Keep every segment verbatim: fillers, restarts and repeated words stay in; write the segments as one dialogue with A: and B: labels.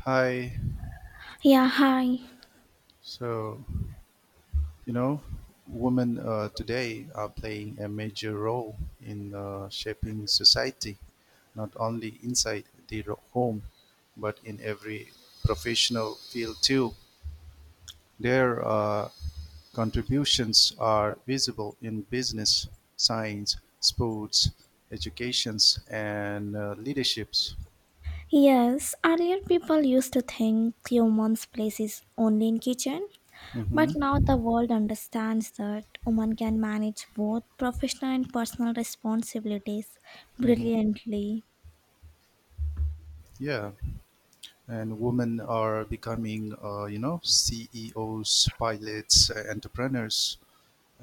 A: Hi.
B: Yeah, hi.
A: So, you know, women uh, today are playing a major role in uh, shaping society, not only inside the ro- home, but in every professional field too. Their uh, contributions are visible in business, science, sports, educations, and uh, leaderships.
B: Yes, earlier people used to think woman's place is only in kitchen,
A: hmm
B: but now the world understands that women can manage both professional and personal responsibilities
A: hmm
B: brilliantly.
A: Yeah, and women are becoming, uh, you know, C E Os, pilots, uh, entrepreneurs,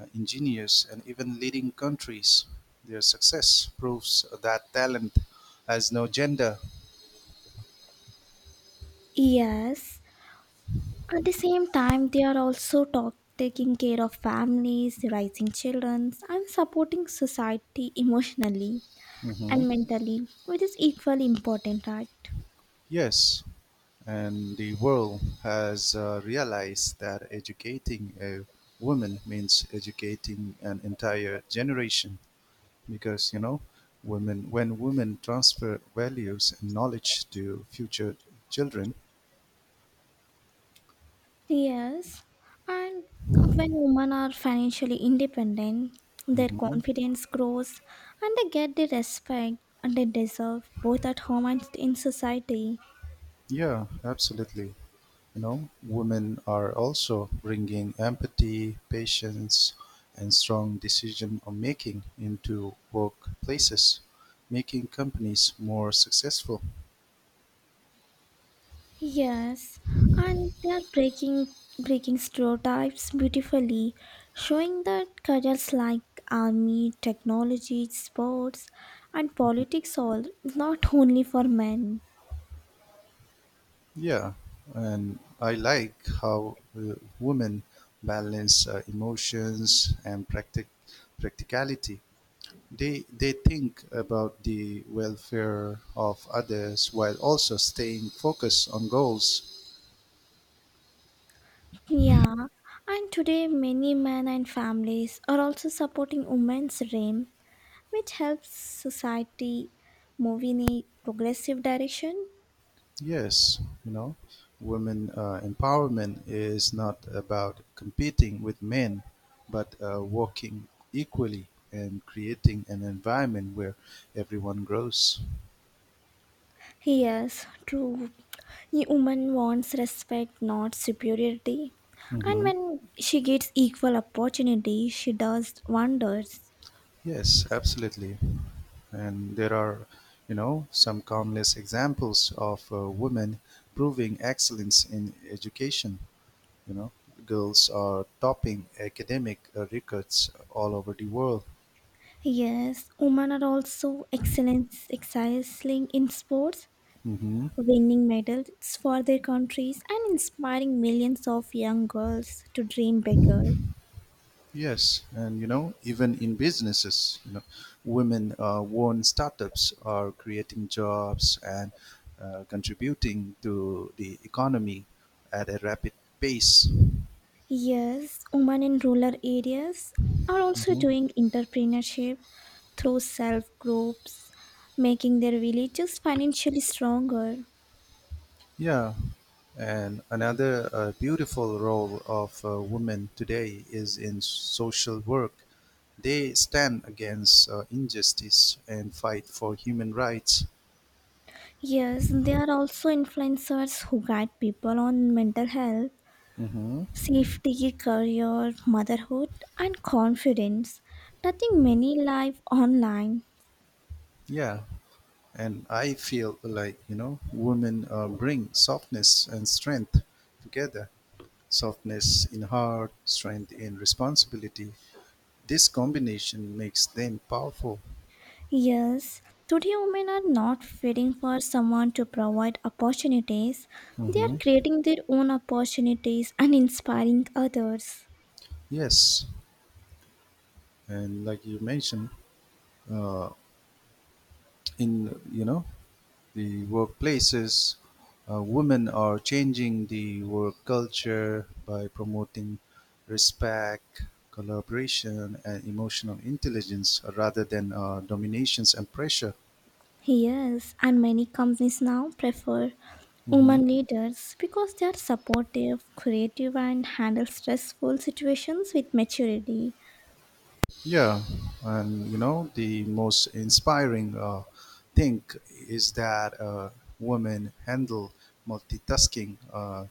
A: uh, engineers, and even leading countries. Their success proves that talent has no gender.
B: Yes, at the same time they are also talk- taking care of families, raising children, and supporting society emotionally
A: Mhm.
B: and mentally, which is equally important, right?
A: Yes, and the world has uh, realized that educating a woman means educating an entire generation because, you know, women when women transfer values and knowledge to future children.
B: Yes, and when women are financially independent, their
A: Mhm.
B: confidence grows and they get the respect and they deserve both at home and in society.
A: Yeah, absolutely. You know, women are also bringing empathy, patience, and strong decision making into workplaces, making companies more successful.
B: Yes, and they are breaking breaking stereotypes beautifully, showing that careers like army, technology, sports, and politics all not only for men.
A: Yeah, and I like how uh, women balance uh, emotions and practic- practicality. They, they think about the welfare of others while also staying focused on goals.
B: Yeah, and today many men and families are also supporting women's dream, which helps society move in a progressive direction.
A: Yes, you know, women uh, empowerment is not about competing with men, but uh, working equally and creating an environment where everyone grows.
B: Yes, true. A woman wants respect, not superiority. And
A: hmm
B: when she gets equal opportunity, she does wonders.
A: Yes, absolutely. And there are, you know, some countless examples of uh, women proving excellence in education. You know, girls are topping academic uh, records all over the world.
B: Yes, women are also excellence excelling in sports
A: hmm
B: winning medals for their countries and inspiring millions of young girls to dream bigger.
A: Yes, and you know, even in businesses, you know, women uh, own startups are creating jobs and uh, contributing to the economy at a rapid pace.
B: Yes, women in rural areas are also
A: Mhm.
B: doing entrepreneurship through self groups, making their villages financially stronger.
A: Yeah, and another uh, beautiful role of uh, women today is in social work. They stand against uh, injustice and fight for human rights.
B: Yes, there are also influencers who guide people on mental health,
A: hmm
B: safety, career, motherhood, and confidence, touching many lives online.
A: Yeah, and I feel like, you know, women uh, bring softness and strength together, softness in heart, strength in responsibility. This combination makes them powerful.
B: Yes, today women are not waiting for someone to provide opportunities. They are
A: Mhm.
B: creating their own opportunities and inspiring others.
A: Yes. And like you mentioned, uh, in, you know, the workplaces, uh, women are changing the work culture by promoting respect, collaboration, and emotional intelligence uh, rather than uh, dominations and pressure.
B: Yes, and many companies now prefer
A: Mhm.
B: women leaders because they are supportive, creative, and handle stressful situations with maturity.
A: Yeah, and you know the most inspiring uh, thing is that uh, women handle multitasking uh,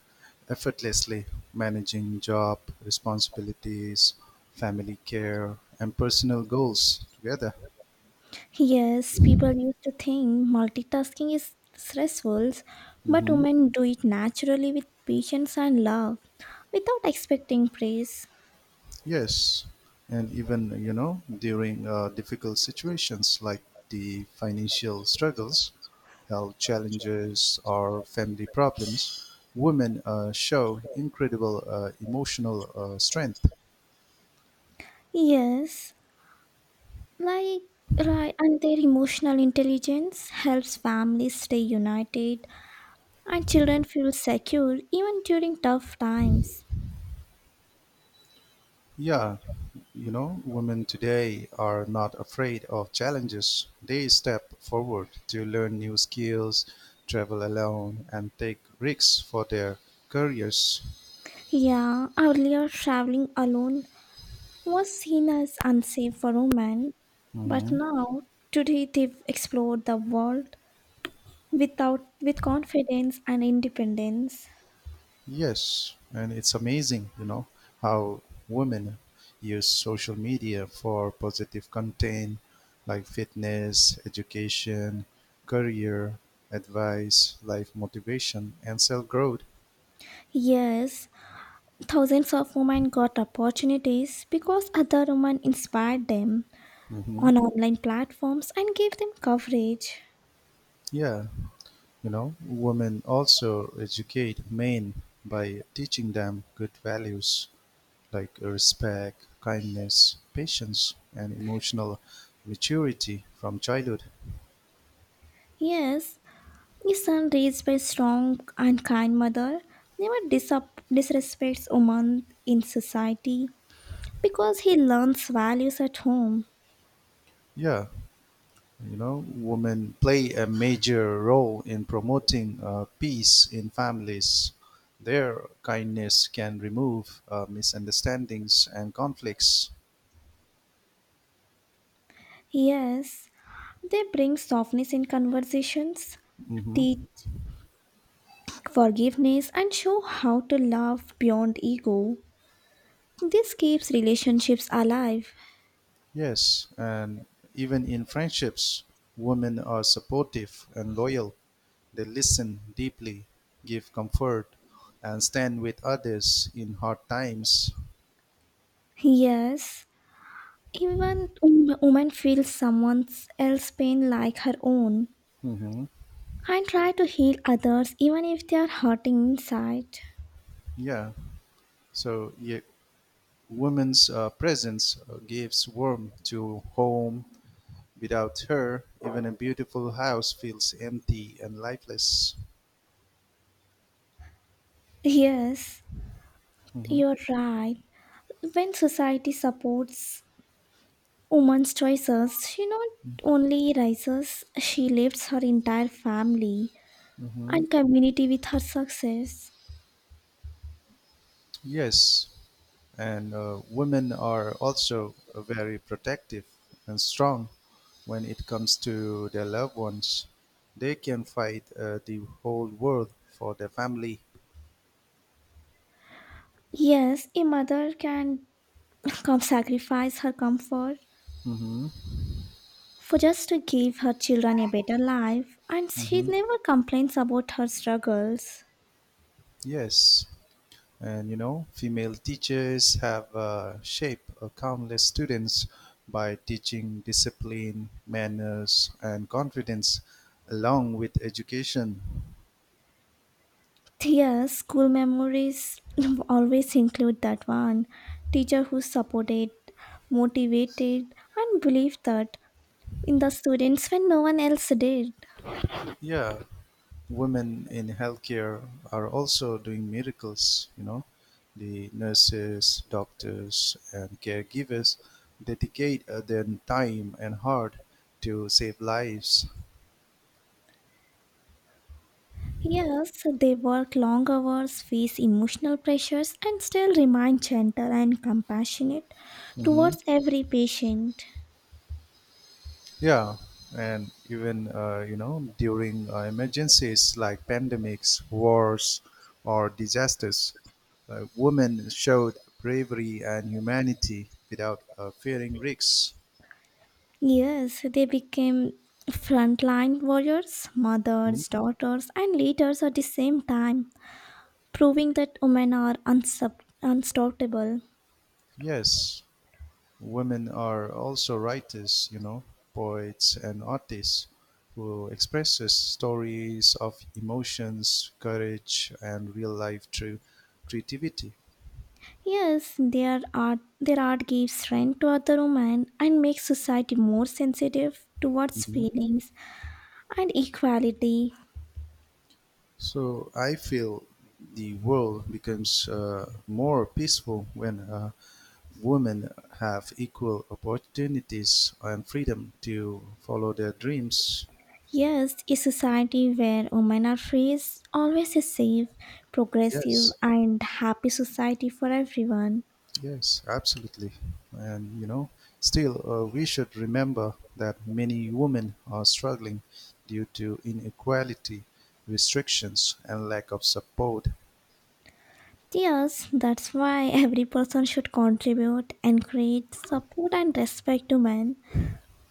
A: effortlessly, managing job responsibilities, family care, and personal goals together.
B: Yes, people used to think multitasking is stressful, but
A: Mhm.
B: women do it naturally with patience and love without expecting praise.
A: Yes, and even you know during uh, difficult situations like the financial struggles, health challenges, or family problems, women uh, show incredible uh, emotional uh, strength.
B: Yes, like right, and their emotional intelligence helps families stay united and children feel secure even during tough times.
A: Yeah, you know, women today are not afraid of challenges. They step forward to learn new skills, travel alone, and take risks for their careers.
B: Yeah, earlier traveling alone was seen as unsafe for women, but
A: Mhm.
B: now today they've explored the world without with confidence and independence.
A: Yes, and it's amazing, you know, how women use social media for positive content like fitness, education, career, advice, life motivation, and self growth.
B: Yes, thousands of women got opportunities because other women inspired them
A: hmm
B: on online platforms and gave them coverage.
A: Yeah, you know, women also educate men by teaching them good values like respect, kindness, patience, and emotional maturity from childhood.
B: Yes, a son raised by a strong and kind mother never disap- disrespects women in society because he learns values at home.
A: Yeah, you know, women play a major role in promoting uh, peace in families. Their kindness can remove uh, misunderstandings and conflicts.
B: Yes, they bring softness in conversations,
A: hmm
B: teach forgiveness, and show how to love beyond ego. This keeps relationships alive.
A: Yes, and even in friendships, women are supportive and loyal. They listen deeply, give comfort, and stand with others in hard times.
B: Yes, even wom- woman feels someone else's pain like her own
A: hmm
B: and try to heal others even if they are hurting inside.
A: Yeah. So yeah, women's uh, presence uh, gives warmth to home. Without her, even a beautiful house feels empty and lifeless.
B: Yes,
A: hmm
B: you're right. When society supports woman's choices, she not only rises, she lifts her entire family
A: hmm
B: and community with her success.
A: Yes, and uh, women are also very protective and strong when it comes to their loved ones. They can fight uh, the whole world for their family.
B: Yes, a mother can come sacrifice her comfort
A: hmm
B: for just to give her children a better life, and she
A: hmm
B: never complains about her struggles.
A: Yes. And you know, female teachers have uh, shaped uh, countless students by teaching discipline, manners, and confidence along with education.
B: Yes, school memories always include that one teacher who supported, motivated, and believed that in the students when no one else did.
A: Yeah, women in healthcare are also doing miracles, you know. The nurses, doctors, and caregivers dedicate uh, their time and heart to save lives.
B: Yes, they work long hours, face emotional pressures, and still remain gentle and compassionate
A: Mhm.
B: towards every patient.
A: Yeah, and even uh, you know during uh, emergencies like pandemics, wars, or disasters, uh, women showed bravery and humanity without uh, fearing risks.
B: Yes, they became frontline warriors,
A: Hmm?
B: mothers, daughters, and leaders at the same time, proving that women are unsub- unstoppable.
A: Yes, women are also writers, you know, poets and artists who expresses stories of emotions, courage, and real life through creativity.
B: Yes, their art, their art gives strength to other women and makes society more sensitive towards feelings and equality.
A: So I feel the world becomes uh, more peaceful when uh, women have equal opportunities and freedom to follow their dreams.
B: Yes, a society where women are free is always a safe, progressive,
A: Yes,
B: and happy society for everyone.
A: yes, absolutely. And you know, still, uh, we should remember that many women are struggling due to inequality, restrictions, and lack of support.
B: Yes, that's why every person should contribute, and create support, and respect to men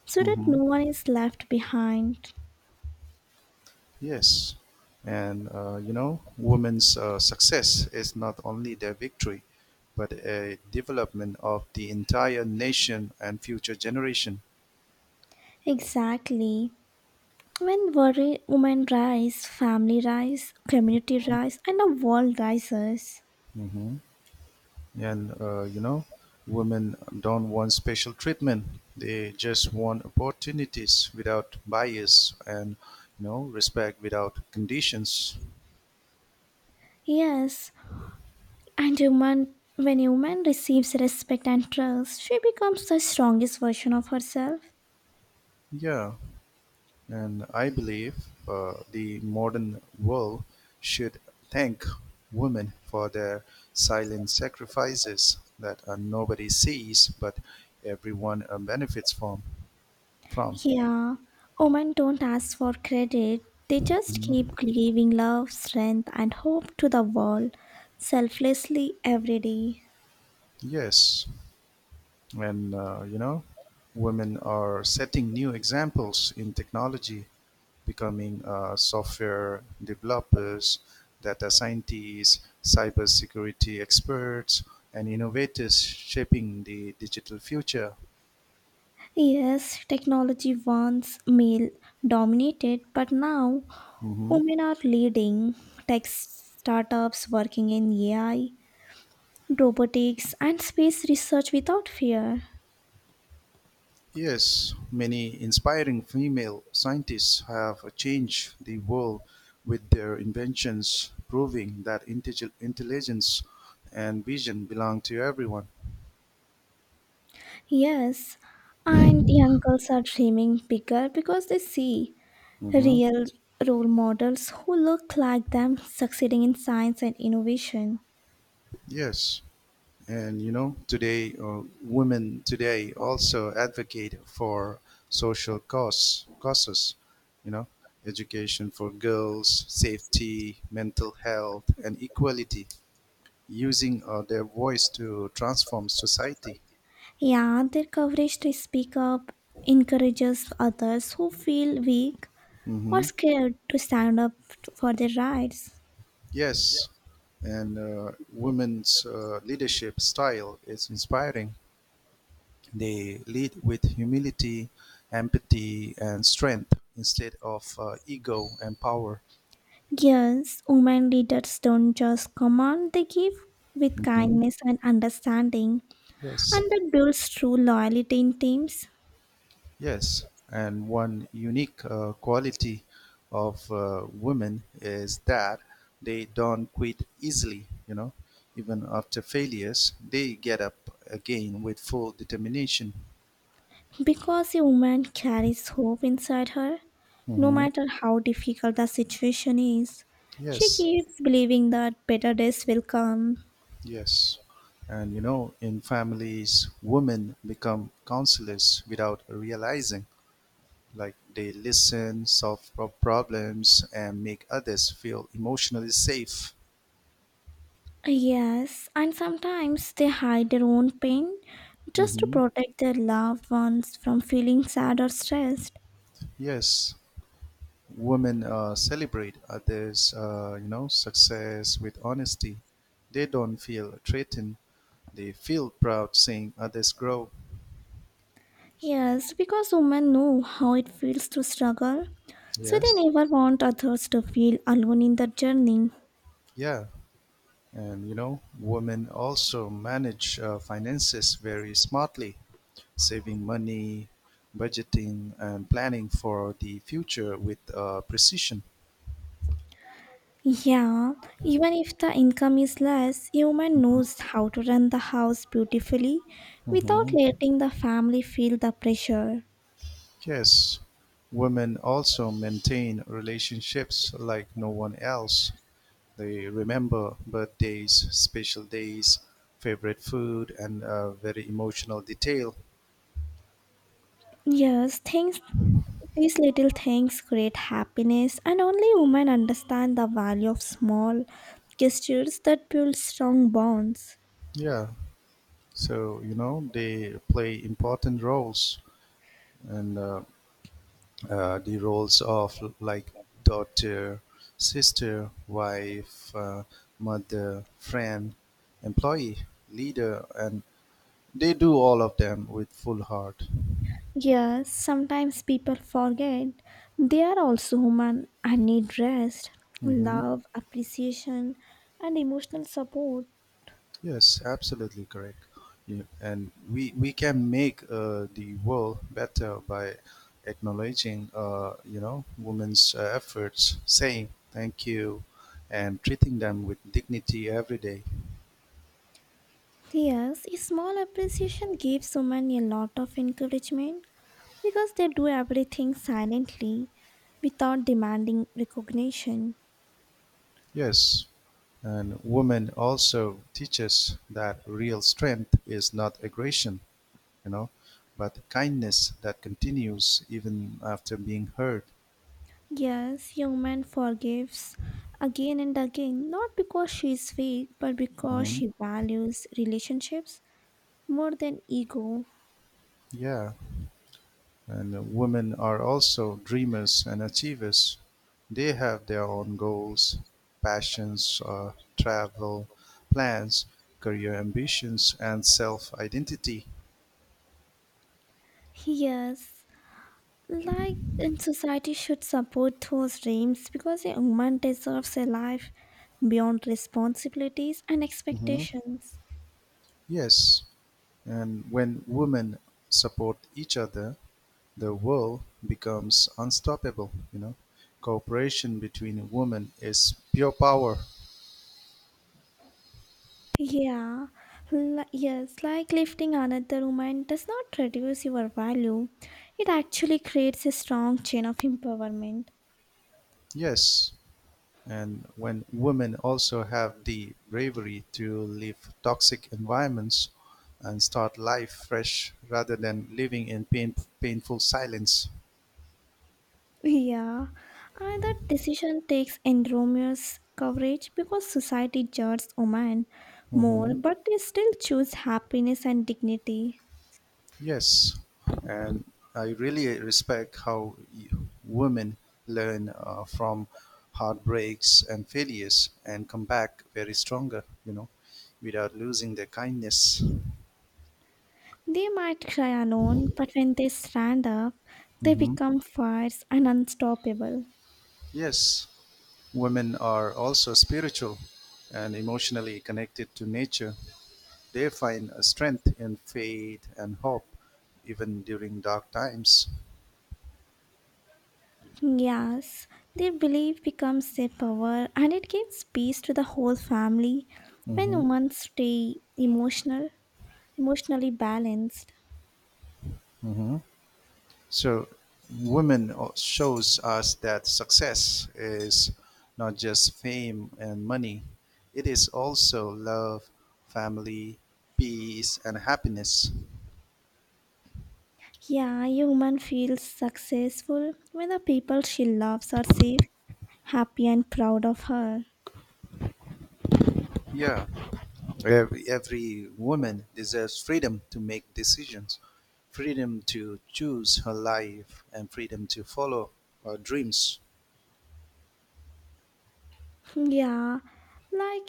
B: so that
A: Mm-hmm.
B: no one is left behind.
A: Yes, and uh, you know, women's uh, success is not only their victory, but a development of the entire nation and future generation.
B: Exactly. When worry, women rise, family rise, community rise, and the world rises.
A: hmm And uh, you know, women don't want special treatment; they just want opportunities without bias and, you know, respect without conditions.
B: Yes, and human, when a woman receives respect and trust, she becomes the strongest version of herself.
A: Yeah, and I believe uh, the modern world should thank women for their silent sacrifices that uh, nobody sees but everyone uh, benefits from. from.
B: Yeah, women don't ask for credit. They just keep
A: Mhm.
B: giving love, strength, and hope to the world selflessly every day.
A: Yes, and uh, you know, women are setting new examples in technology, becoming uh, software developers, data scientists, cybersecurity experts, and innovators shaping the digital future.
B: Yes, technology once male dominated, but now
A: hmm
B: women are leading tech startups working in A I, robotics, and space research without fear.
A: Yes, many inspiring female scientists have changed the world with their inventions, proving that intellig- intelligence and vision belong to everyone.
B: Yes, and young girls are dreaming bigger because they see
A: hmm
B: real role models who look like them succeeding in science and innovation.
A: Yes. And you know, today, uh, women today also advocate for social cause, causes, you know, education for girls, safety, mental health, and equality, using uh, their voice to transform society.
B: Yeah, their courage to speak up encourages others who feel weak or
A: hmm
B: scared to stand up for their rights.
A: Yes, and uh, women's uh, leadership style is inspiring. They lead with humility, empathy, and strength instead of uh, ego and power.
B: Yes, women leaders don't just command, they give with
A: Mm-hmm.
B: kindness and understanding,
A: Yes,
B: and that builds true loyalty in teams.
A: yes, and one unique uh, quality of uh, women is that they don't quit easily. You know, even after failures, they get up again with full determination.
B: Because a woman carries hope inside her, no
A: hmm
B: matter how difficult the situation is, she
A: Yes,
B: keeps believing that better days will come.
A: yes, and you know, in families, women become counselors without realizing. Like they listen, solve pro- problems, and make others feel emotionally safe.
B: Yes, and sometimes they hide their own pain just to
A: hmm
B: protect their loved ones from feeling sad or stressed.
A: Yes, women uh, celebrate others, uh, you know, success with honesty. They don't feel threatened. They feel proud seeing others grow.
B: Yes, because women know how it feels to struggle, so they
A: Yes.
B: never want others to feel alone in their journey.
A: Yeah. And you know, women also manage uh, finances very smartly, saving money, budgeting, and planning for the future with uh, precision.
B: Yeah, even if the income is less, human knows how to run the house beautifully without
A: Mhm.
B: letting the family feel the pressure.
A: Yes. Women also maintain relationships like no one else. They remember birthdays, special days, favorite food, and uh, very emotional detail.
B: Yes, things these little things create happiness and only women understand the value of small gestures that build strong bonds.
A: Yeah. So, you know, they play important roles and uh, uh, the roles of like daughter, sister, wife, uh, mother, friend, employee, leader, and they do all of them with full heart.
B: Yes, sometimes people forget they are also human and need rest,
A: hmm
B: love, appreciation and emotional support.
A: Yes, absolutely correct. Yeah, and we we can make uh, the world better by acknowledging, uh, you know, women's uh, efforts, saying thank you, and treating them with dignity every day.
B: Yes, a small appreciation gives women a lot of encouragement because they do everything silently without demanding recognition.
A: Yes, and women also teaches that real strength is not aggression, you know, but kindness that continues even after being hurt.
B: Yes, a woman forgives again and again, not because she is weak, but because
A: hmm
B: she values relationships more than ego.
A: Yeah. And women are also dreamers and achievers. They have their own goals, passions, uh, travel plans, career ambitions, and self identity.
B: Yes, like in society should support those dreams because a woman deserves a life beyond responsibilities and
A: hmm
B: expectations.
A: Yes, and when women support each other, the world becomes unstoppable. You know, cooperation between women is pure power.
B: Yeah, li- yes, like lifting another woman does not reduce your value. It actually creates a strong chain of empowerment.
A: Yes, and when women also have the bravery to leave toxic environments and start life fresh rather than living in pain, painful silence.
B: Yeah, and that decision takes enormous coverage because society judges women more,
A: hmm
B: but they still choose happiness and dignity.
A: Yes, and I really respect how y- women learn uh, from heartbreaks and failures and come back very stronger, you know, without losing their kindness.
B: They might cry alone, but when they stand up, they
A: hmm
B: become fierce and unstoppable.
A: Yes, women are also spiritual and emotionally connected to nature. They find a strength in faith and hope, even during dark times.
B: Yes, their belief becomes their power and it gives peace to the whole family when
A: hmm
B: women stay emotional, emotionally balanced.
A: hmm So, women o- shows us that success is not just fame and money; it is also love, family, peace, and happiness.
B: Yeah, a woman feels successful when the people she loves are safe, happy and proud of her.
A: Yeah. Every, every woman deserves freedom to make decisions, freedom to choose her life, and freedom to follow her dreams.
B: Yeah, like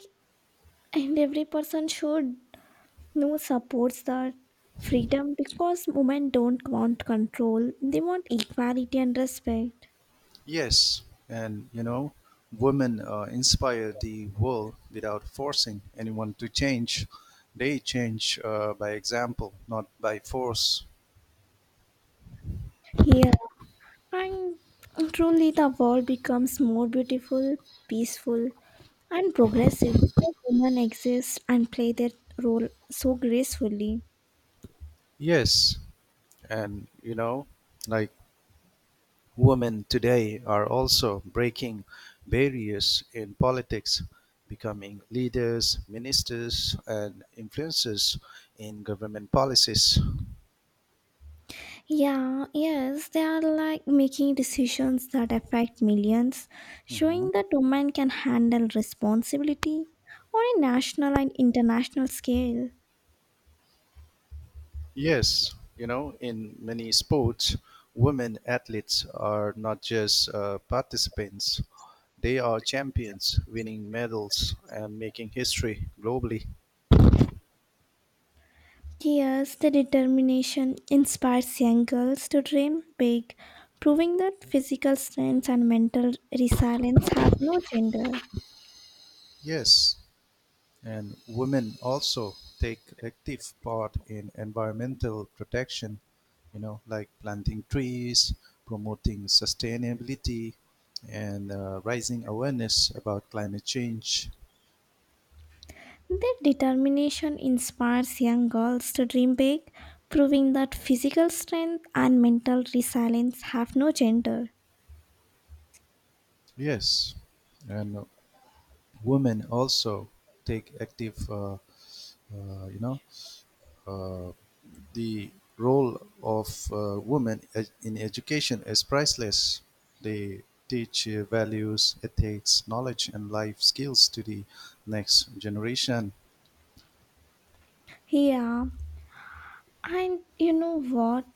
B: and every person should know supports that freedom because women don't want control, they want equality and respect.
A: Yes, and you know, women uh, inspire the world without forcing anyone to change. They change uh, by example, not by force.
B: Here and truly, the world becomes more beautiful, peaceful, and progressive because women exist and play their role so gracefully.
A: Yes, and you know, like women today are also breaking barriers in politics, becoming leaders, ministers, and influencers in government policies.
B: Yeah, yes, they are like making decisions that affect millions,
A: Mhm.
B: showing that women can handle responsibility on a national and international scale.
A: Yes, you know, in many sports, women athletes are not just uh, participants, they are champions, winning medals and making history globally.
B: Yes, the determination inspires young girls to dream big, proving that physical strength and mental resilience have no gender.
A: Yes, and women also take active part in environmental protection, you know, like planting trees, promoting sustainability, and uh, raising awareness about climate change.
B: Their determination inspires young girls to dream big, proving that physical strength and mental resilience have no gender.
A: Yes, and women also take active, uh, uh, you know, uh, the role of uh, women e, in education is priceless. They teach uh, values, ethics, knowledge, and life skills to the next generation.
B: Yeah, and you know what?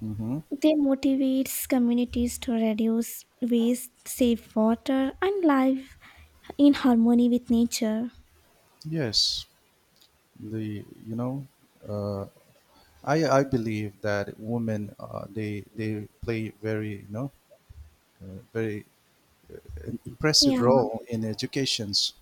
A: hmm
B: They motivates communities to reduce waste, save water, and live in harmony with nature.
A: Yes, the you know, uh, I I believe that women uh, they they play very, you know, uh, very impressive
B: Yeah.
A: role in educations.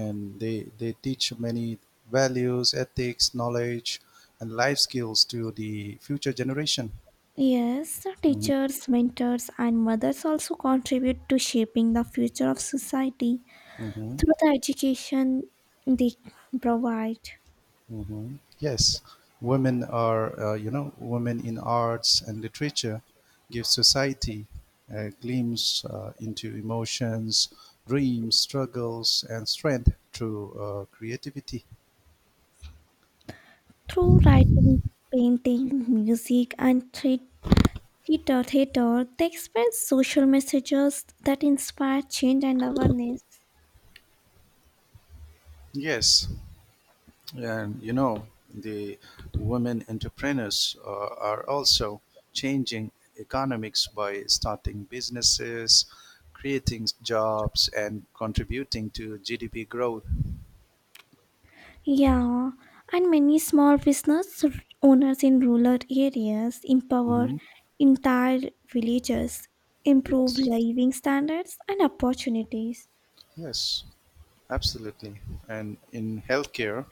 A: And they they teach many values, ethics, knowledge, and life skills to the future generation.
B: Yes, the
A: hmm
B: teachers, mentors, and mothers also contribute to shaping the future of society
A: hmm
B: through the education they provide.
A: hmm Yes, women are uh, you know women in arts and literature give society a glimpse uh, into emotions, dreams, struggles, and strength through uh, creativity.
B: Through writing, painting, music, and thea- theater, theater, they express social messages that inspire change and awareness.
A: Yes, and you know, the women entrepreneurs uh, are also changing economics by starting businesses, creating jobs, and contributing to G D P growth.
B: Yeah, and many small business owners in rural areas empower
A: hmm
B: entire villages, improve
A: Yes,
B: living standards and opportunities.
A: yes, absolutely. And in healthcare,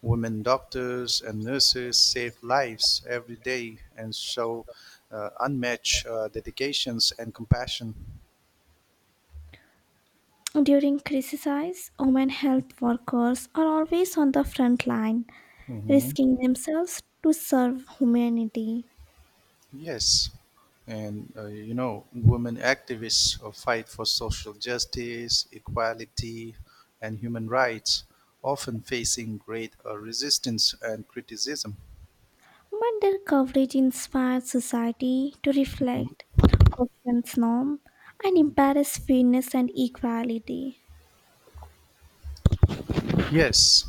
A: women doctors and nurses save lives every day and show uh, unmatched uh, dedications and compassion.
B: During crises, women health workers are always on the front line, risking themselves to serve humanity.
A: Yes, and uh, you know, women activists uh, fight for social justice, equality, and human rights, often facing great uh, resistance and criticism.
B: But their coverage inspires society to reflect, questions norm, and embrace fairness and equality.
A: Yes,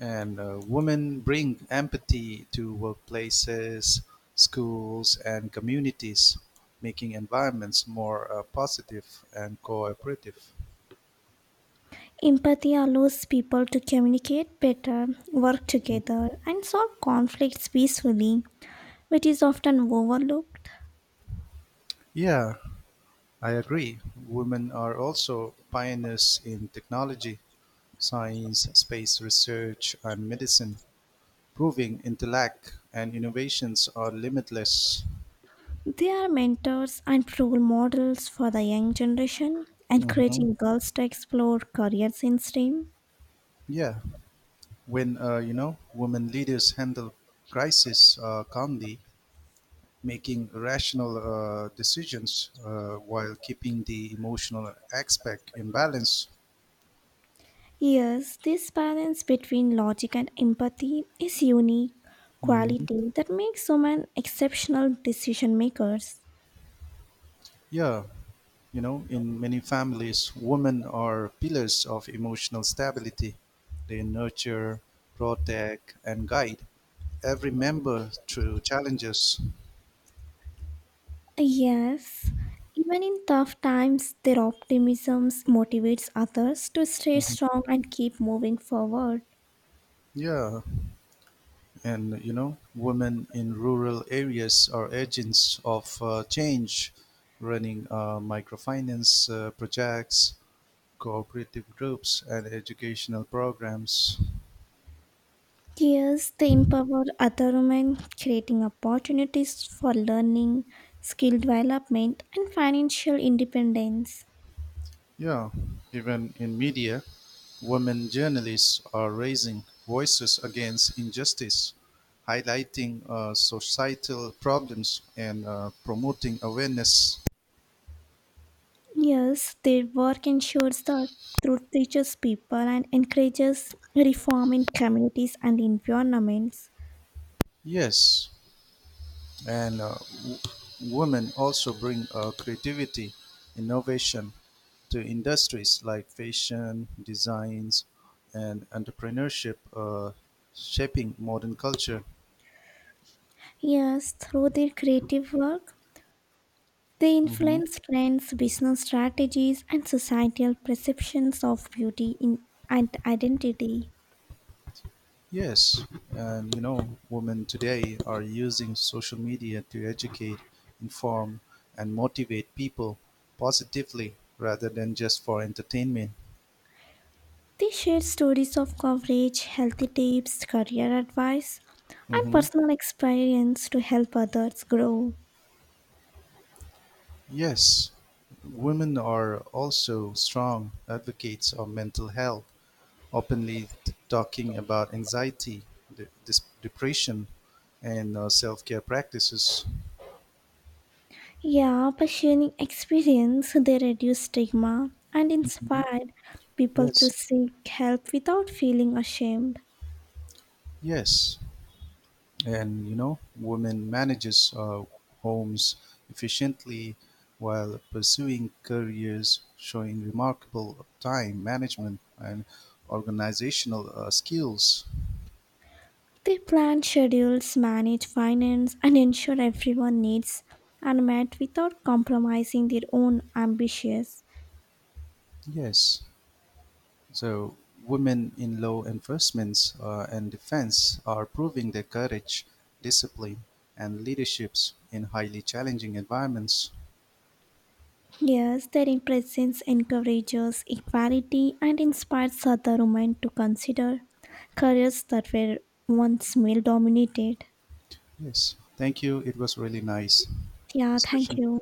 A: and uh, women bring empathy to workplaces, schools, and communities, making environments more uh, positive and cooperative.
B: Empathy allows people to communicate better, work together, and solve conflicts peacefully, which is often overlooked.
A: Yeah, I agree. Women are also pioneers in technology, science, space research, and medicine, proving intellect and innovations are limitless.
B: They are mentors and role models for the young generation,
A: hmm
B: encouraging girls to explore careers in STEM.
A: Yeah, when uh, you know women leaders handle crisis uh, calmly, making rational uh, decisions uh, while keeping the emotional aspect in balance.
B: Yes, this balance between logic and empathy is unique
A: Mhm.
B: quality that makes women exceptional decision makers.
A: Yeah, you know, in many families, women are pillars of emotional stability. They nurture, protect, and guide every member through challenges.
B: Yes, even in tough times, their optimism motivates others to stay
A: Mhm.
B: strong and keep moving forward.
A: Yeah, and you know, women in rural areas are agents of uh, change, running uh, microfinance uh, projects, cooperative groups, and educational programs.
B: Yes, they empower other women, creating opportunities for learning, skill development, and financial independence.
A: Yeah, even in media, women journalists are raising voices against injustice, highlighting uh, societal problems and uh, promoting awareness.
B: Yes, their work ensures that truth reaches people and encourages reform in communities and environments.
A: Yes, and uh, w- women also bring uh, creativity, innovation to industries like fashion, designs, and entrepreneurship, uh, shaping modern culture.
B: Yes, through their creative work, they
A: hmm
B: influence trends, business strategies, and societal perceptions of beauty in, and identity.
A: Yes, and you know, women today are using social media to educate, inform, and motivate people positively rather than just for entertainment.
B: They share stories of coverage, healthy tips, career advice, and
A: hmm
B: personal experience to help others grow.
A: Yes, women are also strong advocates of mental health, openly t- talking about anxiety, de- dis- depression, and uh, self care practices.
B: Yeah, by sharing experience, they reduce stigma and
A: Mhm.
B: inspire people to
A: Yes,
B: seek help without feeling ashamed.
A: yes. And you know, women manages uh, homes efficiently while pursuing careers, showing remarkable time management and organizational uh, skills.
B: They plan schedules, manage finance, and ensure everyone needs are met without compromising their own ambitions.
A: Yes. So women in law enforcement uh, and defense are proving their courage, discipline, and leaderships in highly challenging environments.
B: Yes, their presence encourages equality and inspires other women to consider careers that were once male dominated.
A: Yes. Thank you. It was really nice
B: Yeah, thank
A: discussion.
B: you.